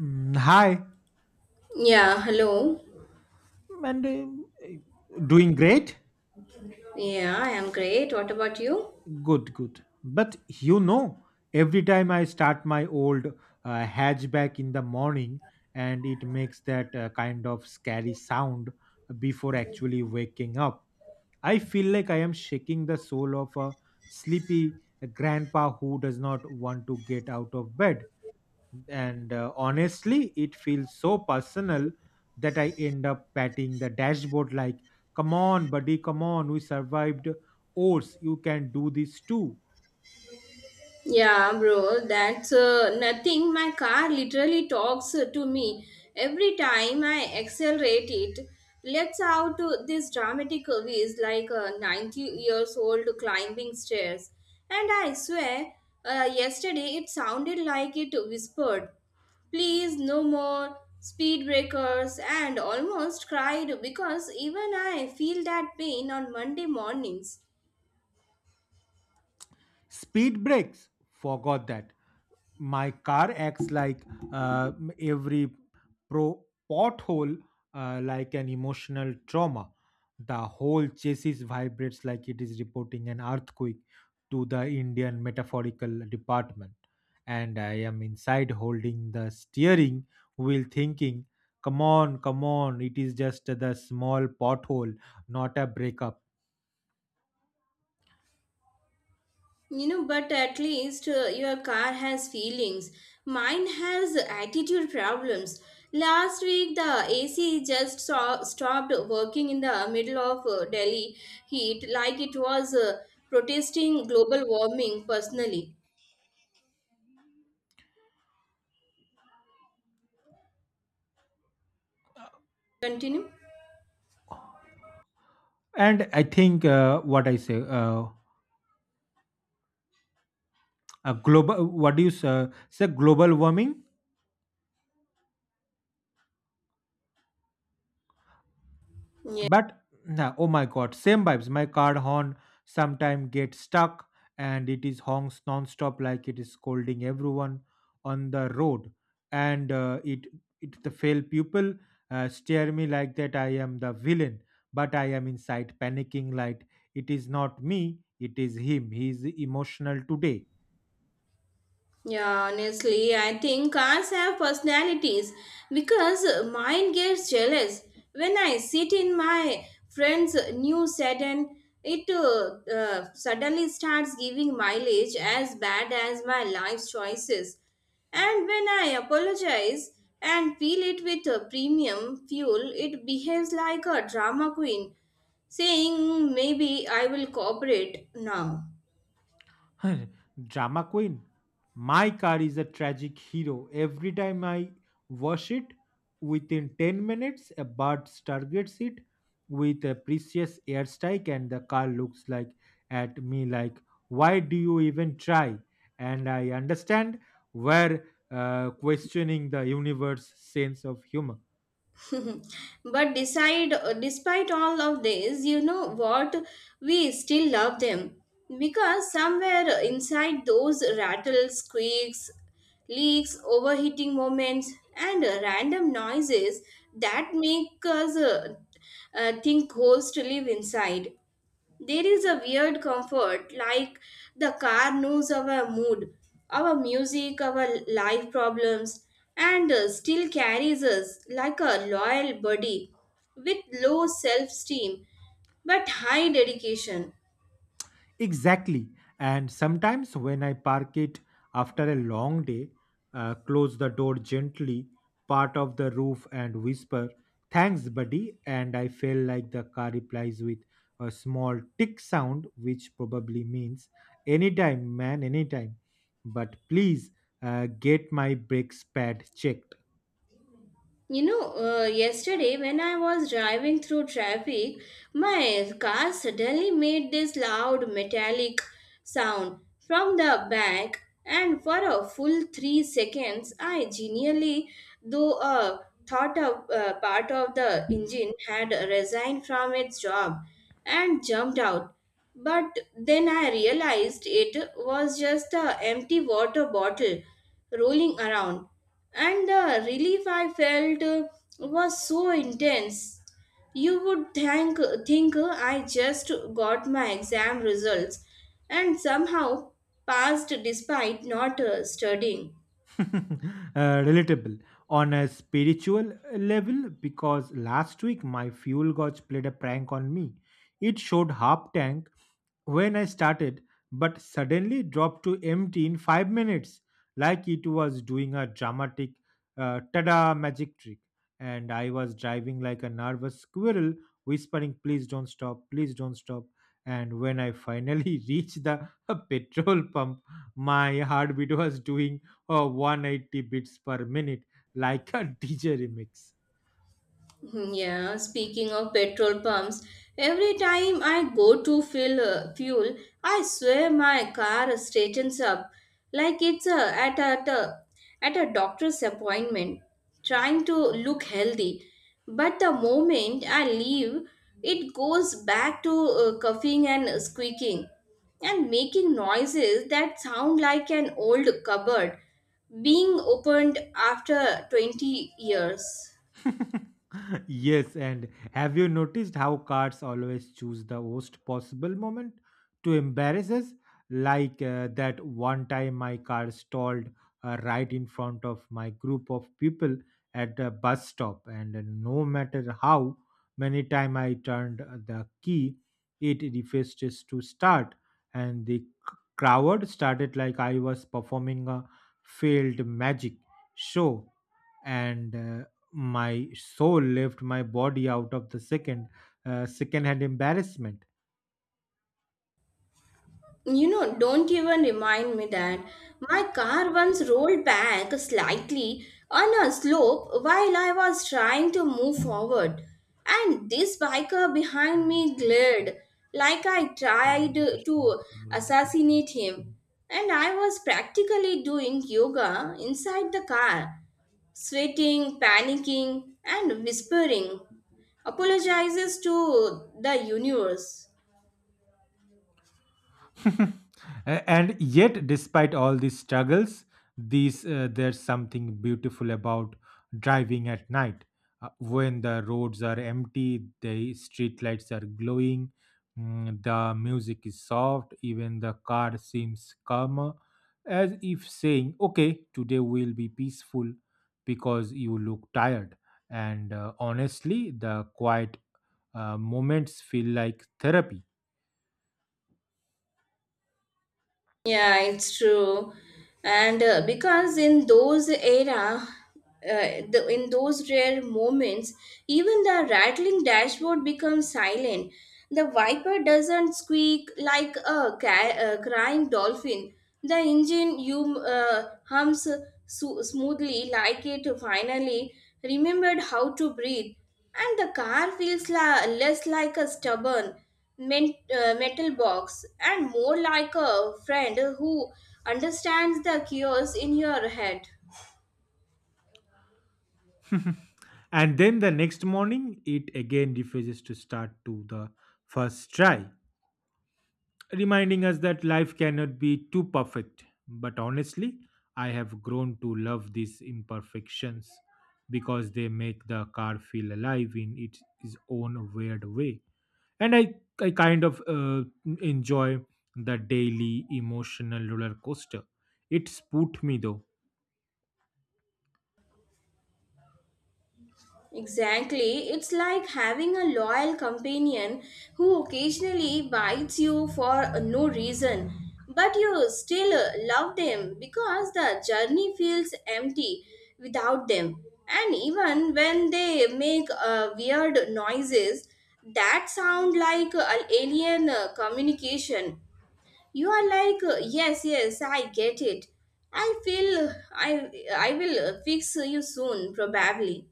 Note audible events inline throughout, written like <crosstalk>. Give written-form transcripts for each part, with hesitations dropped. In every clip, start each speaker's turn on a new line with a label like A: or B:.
A: Mm, hi,
B: Yeah, hello.
A: and doing great?
B: Yeah, I am great. What about you?
A: Good, good. But you know, every time I start my old hatchback in the morning, and it makes that kind of scary sound before actually waking up. I feel like I am shaking the soul of a sleepy grandpa who does not want to get out of bed. And honestly it feels so personal that I end up patting the dashboard like, come on buddy, come on, we survived ours, you can do this too.
B: Yeah, bro, that's nothing. My car literally talks to me every time I accelerate it. Let's out to this dramatic whiz like a 90 years old climbing stairs. And I swear, yesterday it sounded like it whispered, "Please, no more speed breakers," and almost cried because even I feel that pain on Monday mornings.
A: Speed breaks forgot that my car acts like uh, every pro pothole like an emotional trauma. The whole chassis vibrates like it is reporting an earthquake to the Indian metaphorical department, and I am inside holding the steering wheel thinking, come on, come on, it is just the small pothole, not a breakup.
B: You know, but at least your car has feelings. Mine has attitude problems. Last week, the AC stopped working in the middle of Delhi heat, like it was protesting global warming personally. Continue.
A: And i think uh, what I say, a global, what do you say, global warming. But nah, oh my god, same vibes. My car horn sometime gets stuck and it is honks non-stop like it is scolding everyone on the road. And it the fail pupil stare me like that I am the villain, but I am inside panicking like, it is not me, it is him. He is emotional today.
B: Yeah, honestly, I think cars have personalities because mine gets jealous when I sit in my friend's new sedan. It suddenly starts giving mileage as bad as my life choices. And when I apologize and fill it with a premium fuel, it behaves like a drama queen, saying, "Maybe I will cooperate now."
A: <laughs> Drama queen. My car is a tragic hero. Every time I wash it, within 10 minutes, a bird targets it with a precious airstrike, and the car looks like at me like, why do you even try? And I understand where questioning the universe's sense of humor.
B: <laughs> But decide, despite all of this, you know what, we still love them because somewhere inside those rattles, squeaks, leaks, overheating moments and random noises that make us think ghosts live inside, there is a weird comfort, like the car knows our mood, our music, our life problems, and still carries us like a loyal buddy with low self esteem but high dedication.
A: Exactly. And sometimes when I park it after a long day, close the door gently, part of the roof, and whisper, thanks, buddy. And I feel like the car replies with a small tick sound, which probably means, anytime, man, anytime. But please get my brakes pad checked.
B: You know, yesterday when I was driving through traffic, my car suddenly made this loud metallic sound from the back, and for a full 3 seconds, I genuinely, though uh, thought a part of the engine had resigned from its job and jumped out. But then I realized it was just an empty water bottle rolling around, and the relief I felt was so intense. You would think I just got my exam results and somehow passed despite not studying.
A: <laughs> Relatable on a spiritual level because last week my fuel gauge played a prank on me. It showed half tank when I started, but suddenly dropped to empty in 5 minutes, like it was doing a dramatic tada magic trick. And I was driving like a nervous squirrel, whispering, please don't stop, please don't stop. And when I finally <laughs> reached the <laughs> petrol pump, my heartbeat was doing 180 beats per minute, like a <laughs> DJ remix.
B: Yeah, speaking of petrol pumps, every time I go to fill fuel, I swear my car straightens up like it's at a at a at a doctor's appointment, trying to look healthy. But the moment I leave, it goes back to coughing and squeaking and making noises that sound like an old cupboard being opened after 20 years.
A: <laughs> Yes, and have you noticed how cards always choose the worst possible moment to embarrass us? Like that one time my car stalled right in front of my group of people at the bus stop, and no matter how many time I turned the key, it refuses to start, and the crowd started like I was performing a failed magic show, and my soul left my body out of the second hand embarrassment.
B: You know, don't even remind me that my car once rolled back slightly on a slope while I was trying to move forward, and this biker behind me glared like I
A: Flow,
B: tried to
A: moral
B: assassinate
A: disinformation.
B: him. And I was practically doing yoga inside the car, sweating, panicking, and whispering apologizes to the universe.
A: <laughs> And yet despite all these struggles these there's something beautiful about driving at night when the roads are empty, the street lights are glowing, the music is soft, even the car seems calmer, as if saying, okay, today will be peaceful because you look tired. And honestly, the quiet moments feel like therapy.
B: Yeah, it's true. And because in those era, the, In those rare moments, even the rattling dashboard becomes silent. The viper doesn't squeak like a crying dolphin. The engine hums smoothly like it finally remembered how to breathe. And the car feels less like a stubborn metal box and more like a friend who understands the chaos in your head.
A: <laughs> And then the next morning, it again refuses to start to the first try, reminding us that life cannot be too perfect. But honestly, I have grown to love these imperfections because they make the car feel alive in its own weird way. And I kind of enjoy the daily emotional roller coaster. It's put me though.
B: Exactly. It's like having a loyal companion who occasionally bites you for no reason, but you still love them because the journey feels empty without them. And even when they make weird noises that sound like an alien communication, you are like, yes, yes, I get it. I I will fix you soon, probably.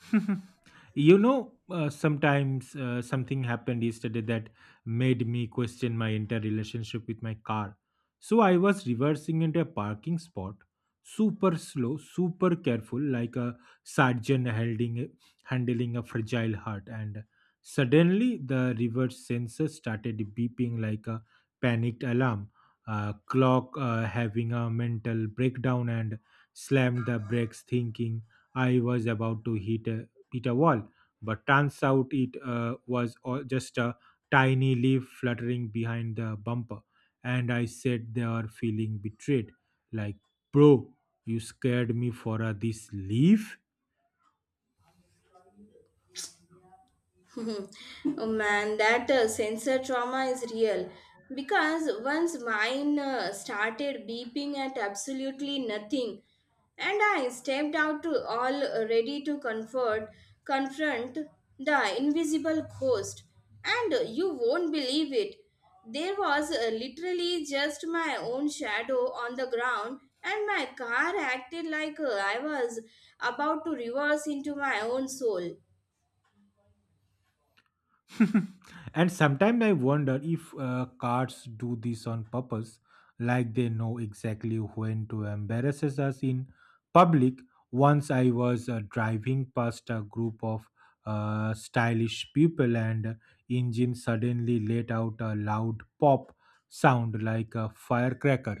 A: <laughs> You know, sometimes something happened yesterday that made me question my entire relationship with my car. So I was reversing into a parking spot, super slow, super careful, like a surgeon handling a fragile heart, and suddenly the reverse sensor started beeping like a panicked alarm. Clock having a mental breakdown and slammed the brakes, thinking I was about to hit a wall, but turns out it was all just a tiny leaf fluttering behind the bumper. And I sat there feeling betrayed, like, bro, you scared me for this leaf?
B: <laughs> Oh man, that sensor trauma is real. Because once mine started beeping at absolutely nothing, and I stepped out to all ready to confront the invisible ghost. And you won't believe it. There was literally just my own shadow on the ground, and my car acted like I was about to reverse into my own soul.
A: <laughs> And sometimes I wonder if cards do this on purpose, like they know exactly when to embarrass us in public. Once I was driving past a group of stylish people, and engine suddenly let out a loud pop sound like a firecracker,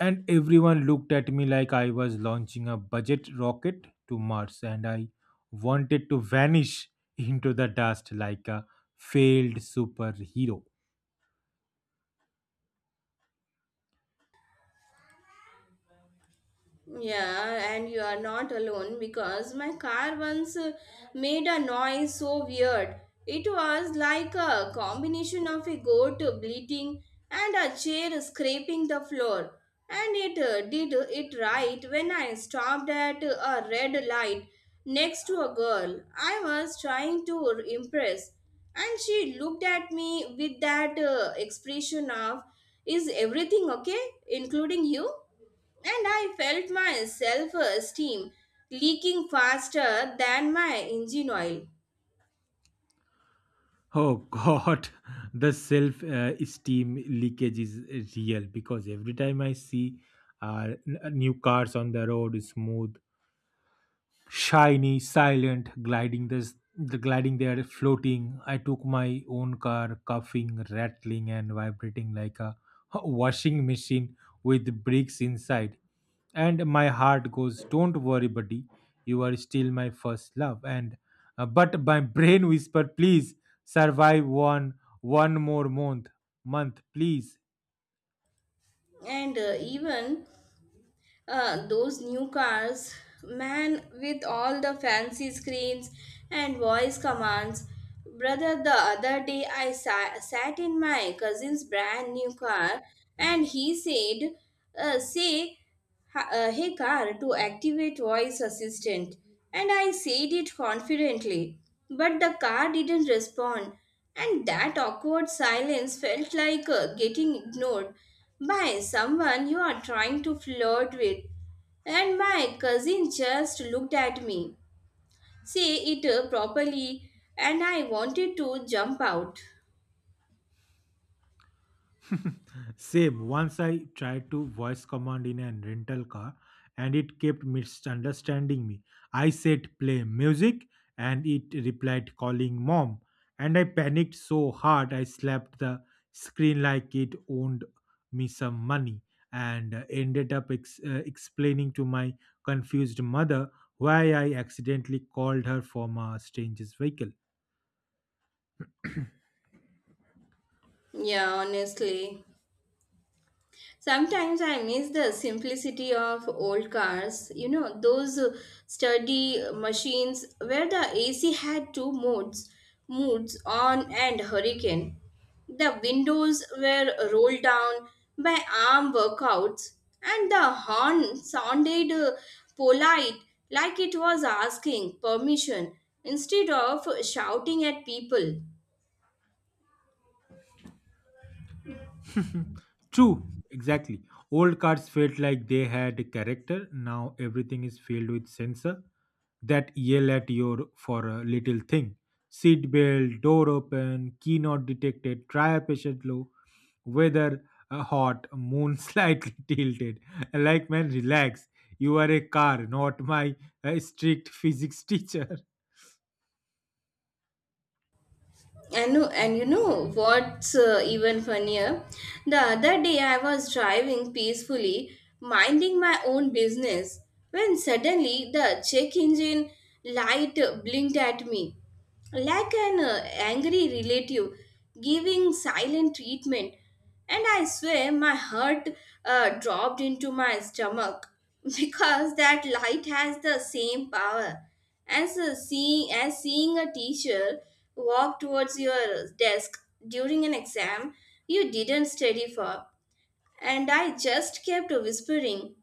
A: and everyone looked at me like I was launching a budget rocket to Mars, and I wanted to vanish <laughs> into the dust like a failed superhero.
B: Yeah, and you are not alone because my car once made a noise so weird. It was like a combination of a goat bleating and a chair scraping the floor. And it did it right when I stopped at a red light next to a girl I was trying to impress. And she looked at me with that expression of, "Is everything okay, including you?" And I felt my self esteem leaking faster than my engine oil.
A: Oh god, <laughs> the self esteem leakage is real because every time I see new cars on the road, smooth, shiny, silent, gliding this, the gliding there, floating. I took my own car, coughing, rattling, and vibrating like a <laughs> washing machine with bricks inside. And my heart goes, don't worry, buddy, you are still my first love. And but my <laughs> brain whisper, please survive one more month, please.
B: And even those new cars, man, with all the fancy screens and voice commands. Brother, the other day I sat in my cousin's brand new car and he said, "Say, hey car," to activate voice assistant. And I said it confidently, but the car didn't respond. And that awkward silence felt like getting ignored by someone you are trying to flirt with. And my cousin just looked at me, "Say it properly," and I wanted to jump out.
A: <laughs> Same. Once I tried to voice command in a rental car and it kept misunderstanding me. I said play music and it replied calling mom. And I panicked so hard I slapped the screen like it owned me some money, and ended up explaining to my confused mother why I accidentally called her from a stranger's vehicle.
B: Yeah, honestly. Sometimes I miss the simplicity of old cars, you know, those sturdy machines where the AC had two modes, moods on and hurricane. The windows were rolled down by arm workouts, and the horn sounded polite, like it was asking permission instead of shouting at people.
A: True, exactly. Old cards felt like they had character. Now everything is filled with sensor that yell at you for a little thing. Seat belt, door open, key not detected, try a patient low, weather hot, moon <laughs> slightly tilted. Like man, relax. You are a car, not my strict physics <laughs> teacher.
B: And no- and you know what's even funnier, the other day I was driving peacefully, minding my own business, when suddenly the check engine light blinked at me like an angry relative giving silent treatment. And I swear my heart dropped into my stomach <laughs> because that light has the same power as seeing a teacher walked towards your desk during an exam you didn't study for, and I just kept whispering,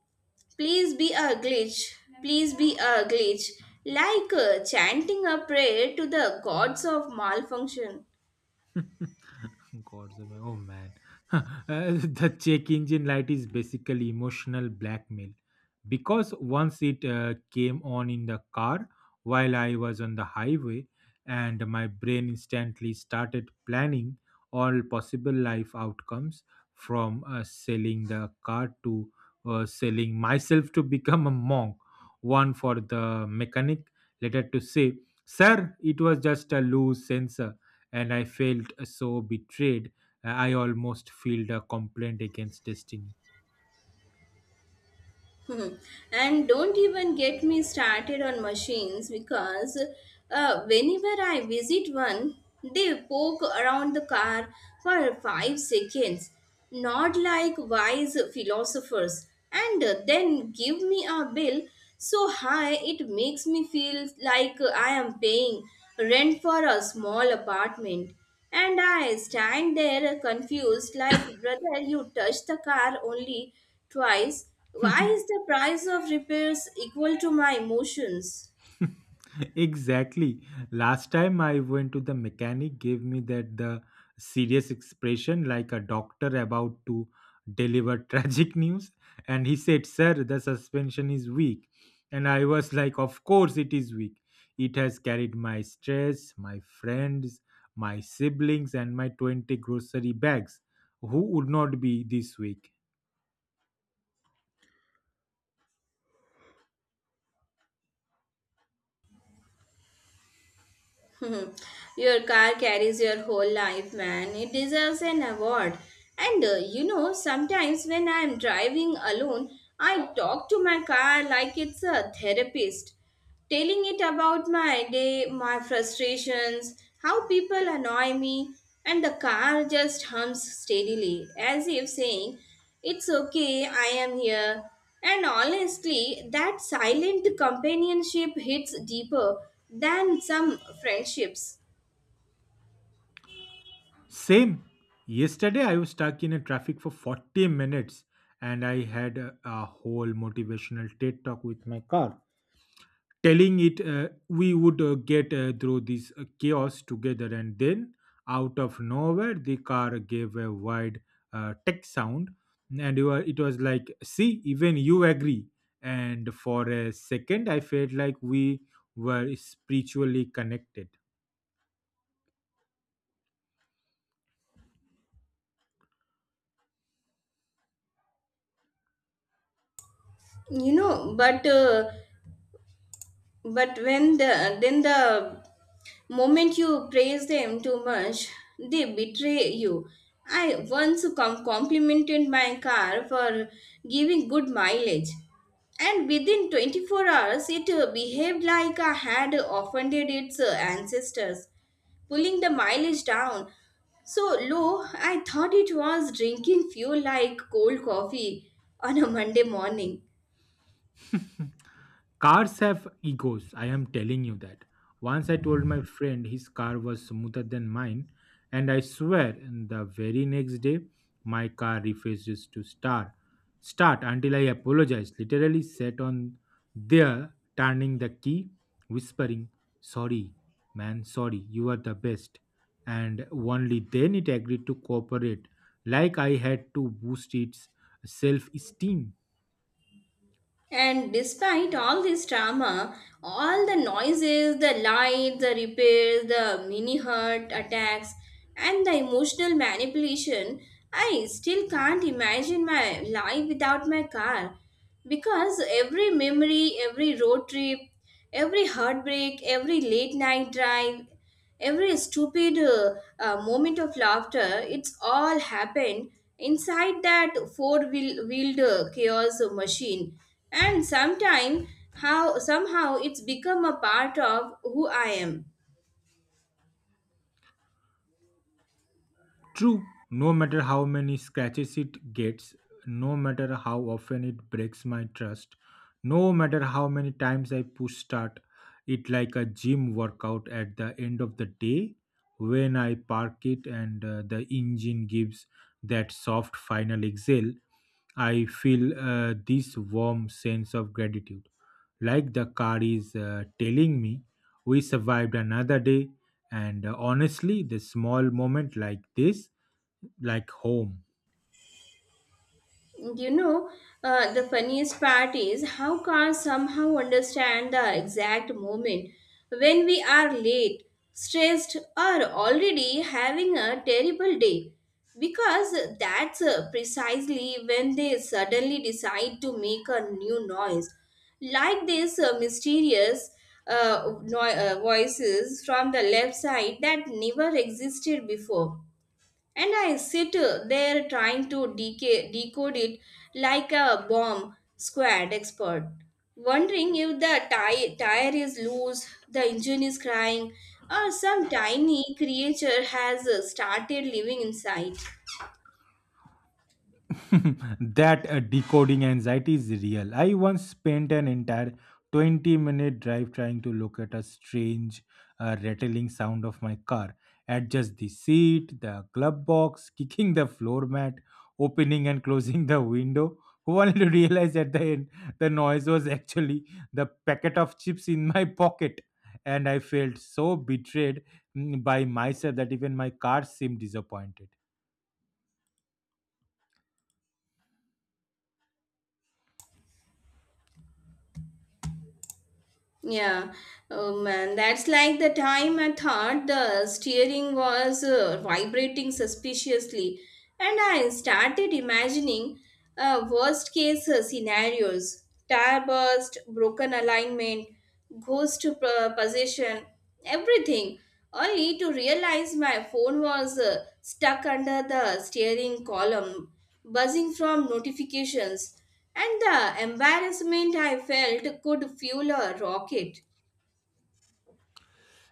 B: "Please be a glitch, please be a glitch," like chanting a prayer to the gods of malfunction.
A: <laughs> Gods of oh man, <laughs> uh, the check engine light is basically emotional blackmail because once it came on in the car while I was on the highway, and my brain instantly started planning all possible life outcomes, from selling the car to selling myself to become a monk, one for the mechanic, later to say, sir, it was just a loose sensor, and I felt so betrayed. I almost filed a complaint against destiny.
B: <laughs> Hmm. And don't even get me started on machines because whenever I visit one, they poke around the car for 5 seconds, not like wise philosophers, and then give me a bill so high it makes me feel like I am paying rent for a small apartment. And I stand there confused, like, brother, you touched the car only twice. Why
A: <laughs>
B: is the price of repairs equal to my emotions?
A: Exactly. Last time I went to the mechanic gave me that the serious expression like a doctor about to deliver <laughs> tragic news, and he said, "Sir, the suspension is weak." And I was like, "Of course it is weak. It has carried my stress, my friends, my siblings and my 20 grocery bags. Who would not be this weak?"
B: <laughs> Hmm. Your car carries your whole life, man. It deserves an award. And you know, sometimes when I'm driving alone, I talk to my car like it's a therapist, telling it about my day, my frustrations, how people annoy me, and the car just hums steadily, as if saying, "It's okay, I am here." And honestly, that silent companionship hits deeper than some friendships.
A: Same. Yesterday, I was stuck in a traffic for 40 minutes and I had a whole motivational TED talk with my car, telling it we would get through this chaos together. And then, out of nowhere, the car gave a wide tech sound, and you were, it was like, see, even you agree. And for a second, I felt like we were spiritually connected.
B: You know, but when the moment you praise them too much, they betray you. I once complimented my car for giving good mileage, and within 24 hours, it behaved like I had offended its ancestors, pulling the mileage down so low, I thought it was drinking fuel like cold coffee on a Monday morning.
A: Cars have egos, I am telling you that. Once I told my friend his car was smoother than mine, and I swear the very next day my car refuses to start until I apologized, literally sat on there turning the key, whispering, sorry, man, sorry, you are the best. And only then it agreed to cooperate, like I had to boost its self esteem.
B: And despite all this drama, all the noises, the lights, the repairs, the mini heart attacks, and the emotional manipulation, I still can't imagine my life without my car. Because every memory, every road trip, every heartbreak, every late night drive, every stupid moment of laughter, it's all happened inside that four-wheeled chaos machine. And sometime, how somehow it's become a part of who I am.
A: True, no matter how many scratches it gets, no matter how often it breaks my trust, no matter how many times I push start it like a gym workout at the end of the day when I park it and the engine gives that soft final exhale, I feel this warm sense of gratitude. Like the car is telling me, we survived another day, and honestly, the small moment like this like home.
B: You know, the funniest part is how cars somehow understand the exact moment when we are late, stressed, or already having a terrible day. Because that's precisely when they suddenly decide to make a new noise. Like this mysterious voices from the left side that never existed before, and I sit there trying to decode it like a bomb squad expert, wondering if the tire is loose, the engine is crying, or some tiny creature has started living inside.
A: <laughs> That decoding anxiety is real. I once spent an entire 20-minute drive trying to look at a strange rattling sound of my car, adjust the seat, the glove box, <laughs> kicking the floor mat, opening and closing the window. Only to realize at the end the noise was actually the packet of chips in my pocket. And I felt so betrayed by myself that even my car seemed disappointed.
B: Yeah, oh man, that's like the time I thought the steering was vibrating suspiciously, and I started imagining worst case scenarios, tire burst, broken alignment, ghost position, everything, only to realize my phone was stuck under the steering column, buzzing from notifications. And the embarrassment I felt could fuel a rocket.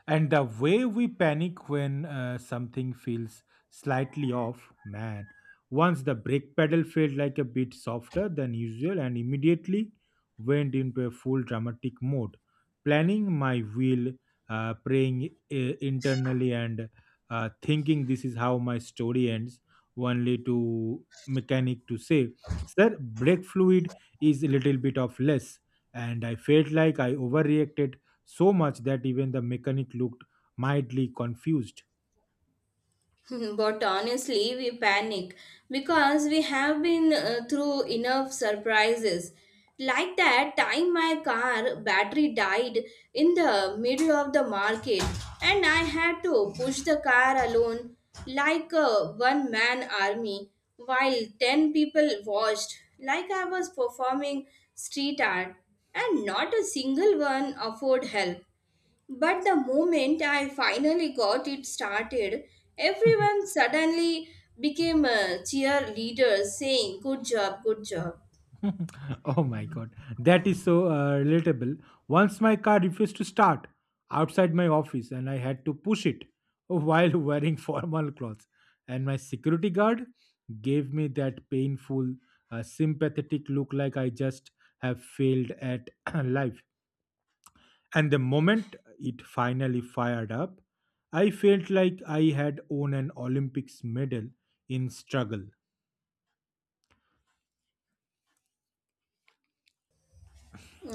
A: And the way we panic when something feels slightly off, man. Once the brake pedal felt like a bit softer than usual and immediately went into a full dramatic mode, planning my wheel, praying internally, and thinking this is how my story ends, only to mechanic to say, sir, brake fluid is a little bit of less. And I felt like I overreacted so much that even the mechanic looked mildly confused.
B: <laughs> But honestly, we panic because we have been through enough surprises. Like that time my car battery died in the middle of the market and I had to push the car alone like a one man army while 10 people watched like I was performing street art, and not a single one offered help. But the moment I finally got it started,
A: <laughs>
B: everyone suddenly became a cheerleader saying, "Good job, good job."
A: Oh my god, that is so relatable. Once my car refused to start outside my office and I had to push it while <laughs> wearing formal clothes, and my security guard gave me that painful, sympathetic look like I just have failed at <clears throat> life. And the moment it finally fired up, I felt like I had won an Olympics medal in struggle.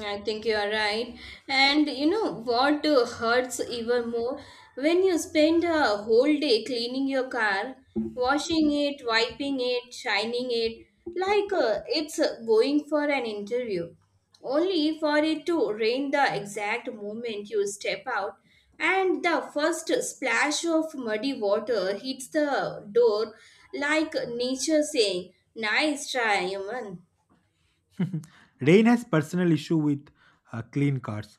B: I think you are right. And you know what hurts even more? When you spend a whole day cleaning your car, washing it, wiping it, shining it, like it's going for an interview, only for it to rain the exact moment you step out, and the first splash of muddy water hits the door like nature saying, "Nice try, human."
A: <laughs> Rain has personal issue with clean cars.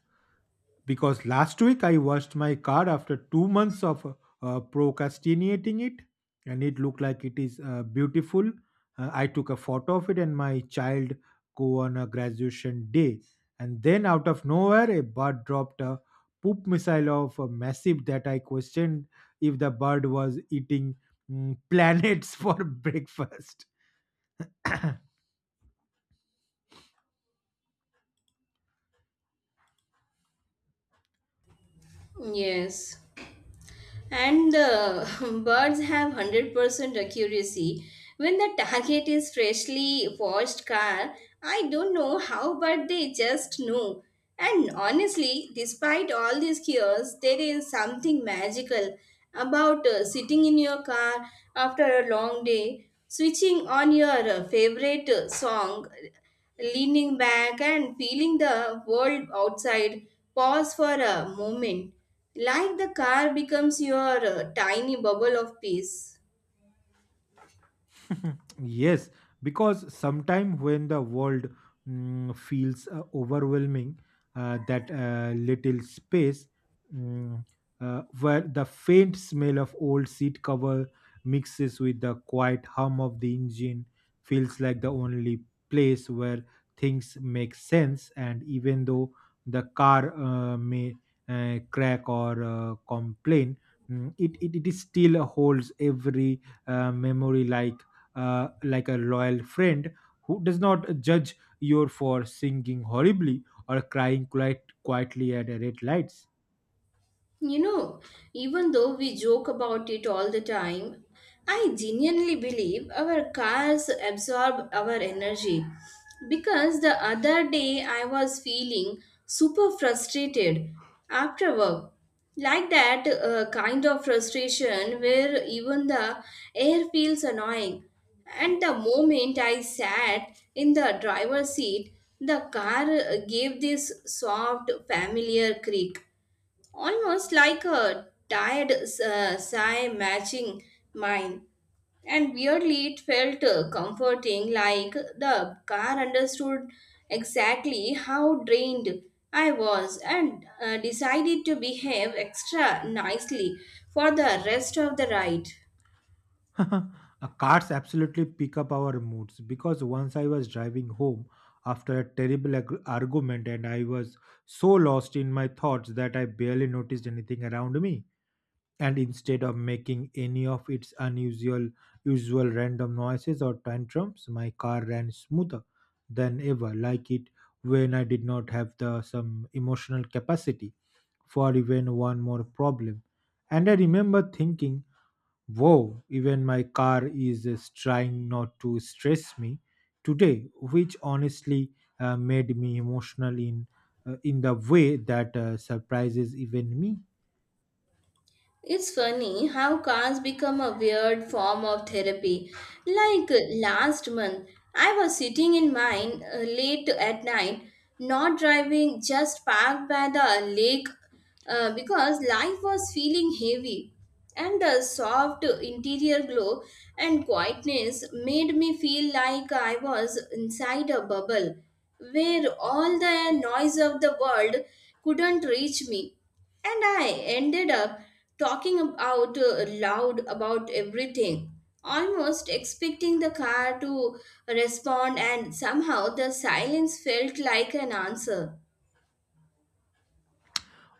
A: Because last week I washed my car after 2 months of procrastinating it, and it looked like it is beautiful. I took a photo of it, and my child go on a graduation day, and then out of nowhere, a bird dropped a poop missile of a massive that I questioned if the bird was eating planets <laughs> for breakfast.
B: Yes. And <laughs> birds have 100% accuracy when the target is freshly washed car. I don't know how, but they just know. And honestly, despite all these cures, there is something magical about sitting in your car after a long day, switching on your favorite song, leaning back and feeling the world outside pause for a moment. Like the car becomes your tiny bubble of peace.
A: <laughs> Yes, because sometimes when the world feels overwhelming, that little space, mm, where the faint smell of old seat cover mixes with the quiet hum of the engine, feels like the only place where things make sense. And even though the car may crack or complain, it is still holds every memory like a loyal friend who does not judge you for singing horribly or crying quite quietly at red lights.
B: You know, even though we joke about it all the time, I genuinely believe our cars absorb our energy. Because the other day I was feeling super frustrated after work. Like that kind of frustration where even the air feels annoying. And the moment I sat in the driver's seat, the car gave this soft, familiar creak, almost like a tired sigh matching mine. And weirdly, it felt comforting, like the car understood exactly how drained I was and decided to behave extra nicely for the rest of the ride.
A: <laughs> Cars absolutely pick up our moods because once I was driving home after a terrible argument and I was so lost in my thoughts that I barely noticed anything around me. And instead of making any of its unusual usual random noises or tantrums, my car ran smoother than ever, like it, when I did not have the some emotional capacity for even one more problem. And I remember thinking, whoa, even my car is trying not to stress me today, which honestly made me emotional in the way that surprises even me.
B: It's funny how cars become a weird form of therapy. Like last month, I was sitting in mine late at night, not driving, just parked by the lake because life was feeling heavy. And the soft interior glow and quietness made me feel like I was inside a bubble where all the noise of the world couldn't reach me. And I ended up talking ab- out loud about everything, almost expecting the car to respond, and somehow the silence felt like an answer.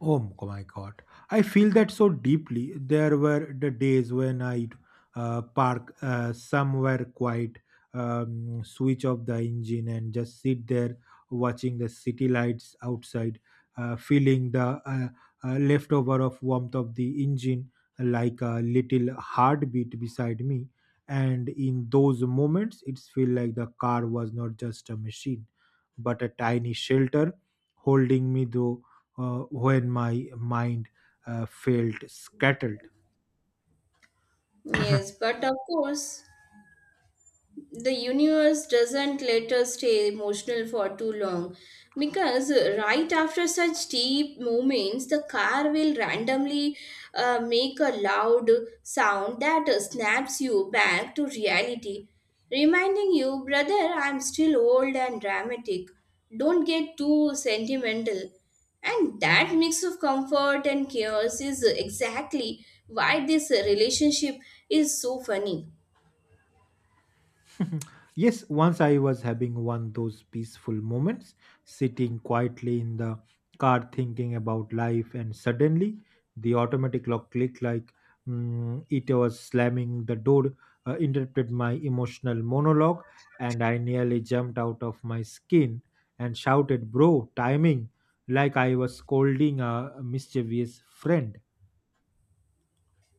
A: Oh my God. I feel that so deeply. There were the days when I'd park somewhere quiet, switch off the engine, and just sit there watching the city lights outside, feeling the leftover of warmth of the engine like a little heartbeat beside me. And in those moments, it felt like the car was not just a machine, but a tiny shelter holding me though when my mind felt scattered.
B: Yes, but of course, the universe doesn't let us stay emotional for too long, because right after such deep moments the car will randomly make a loud sound that snaps you back to reality, reminding you, "Brother, I'm still old and dramatic, don't get too sentimental." And that mix of comfort and chaos is exactly why this relationship is so funny.
A: Yes, once I was having one those peaceful moments, sitting quietly in the car thinking about life, and suddenly the automatic lock clicked like, it was slamming the door, interrupted my emotional monologue, and I nearly jumped out of my skin and shouted, bro, timing! Like I was scolding a mischievous friend.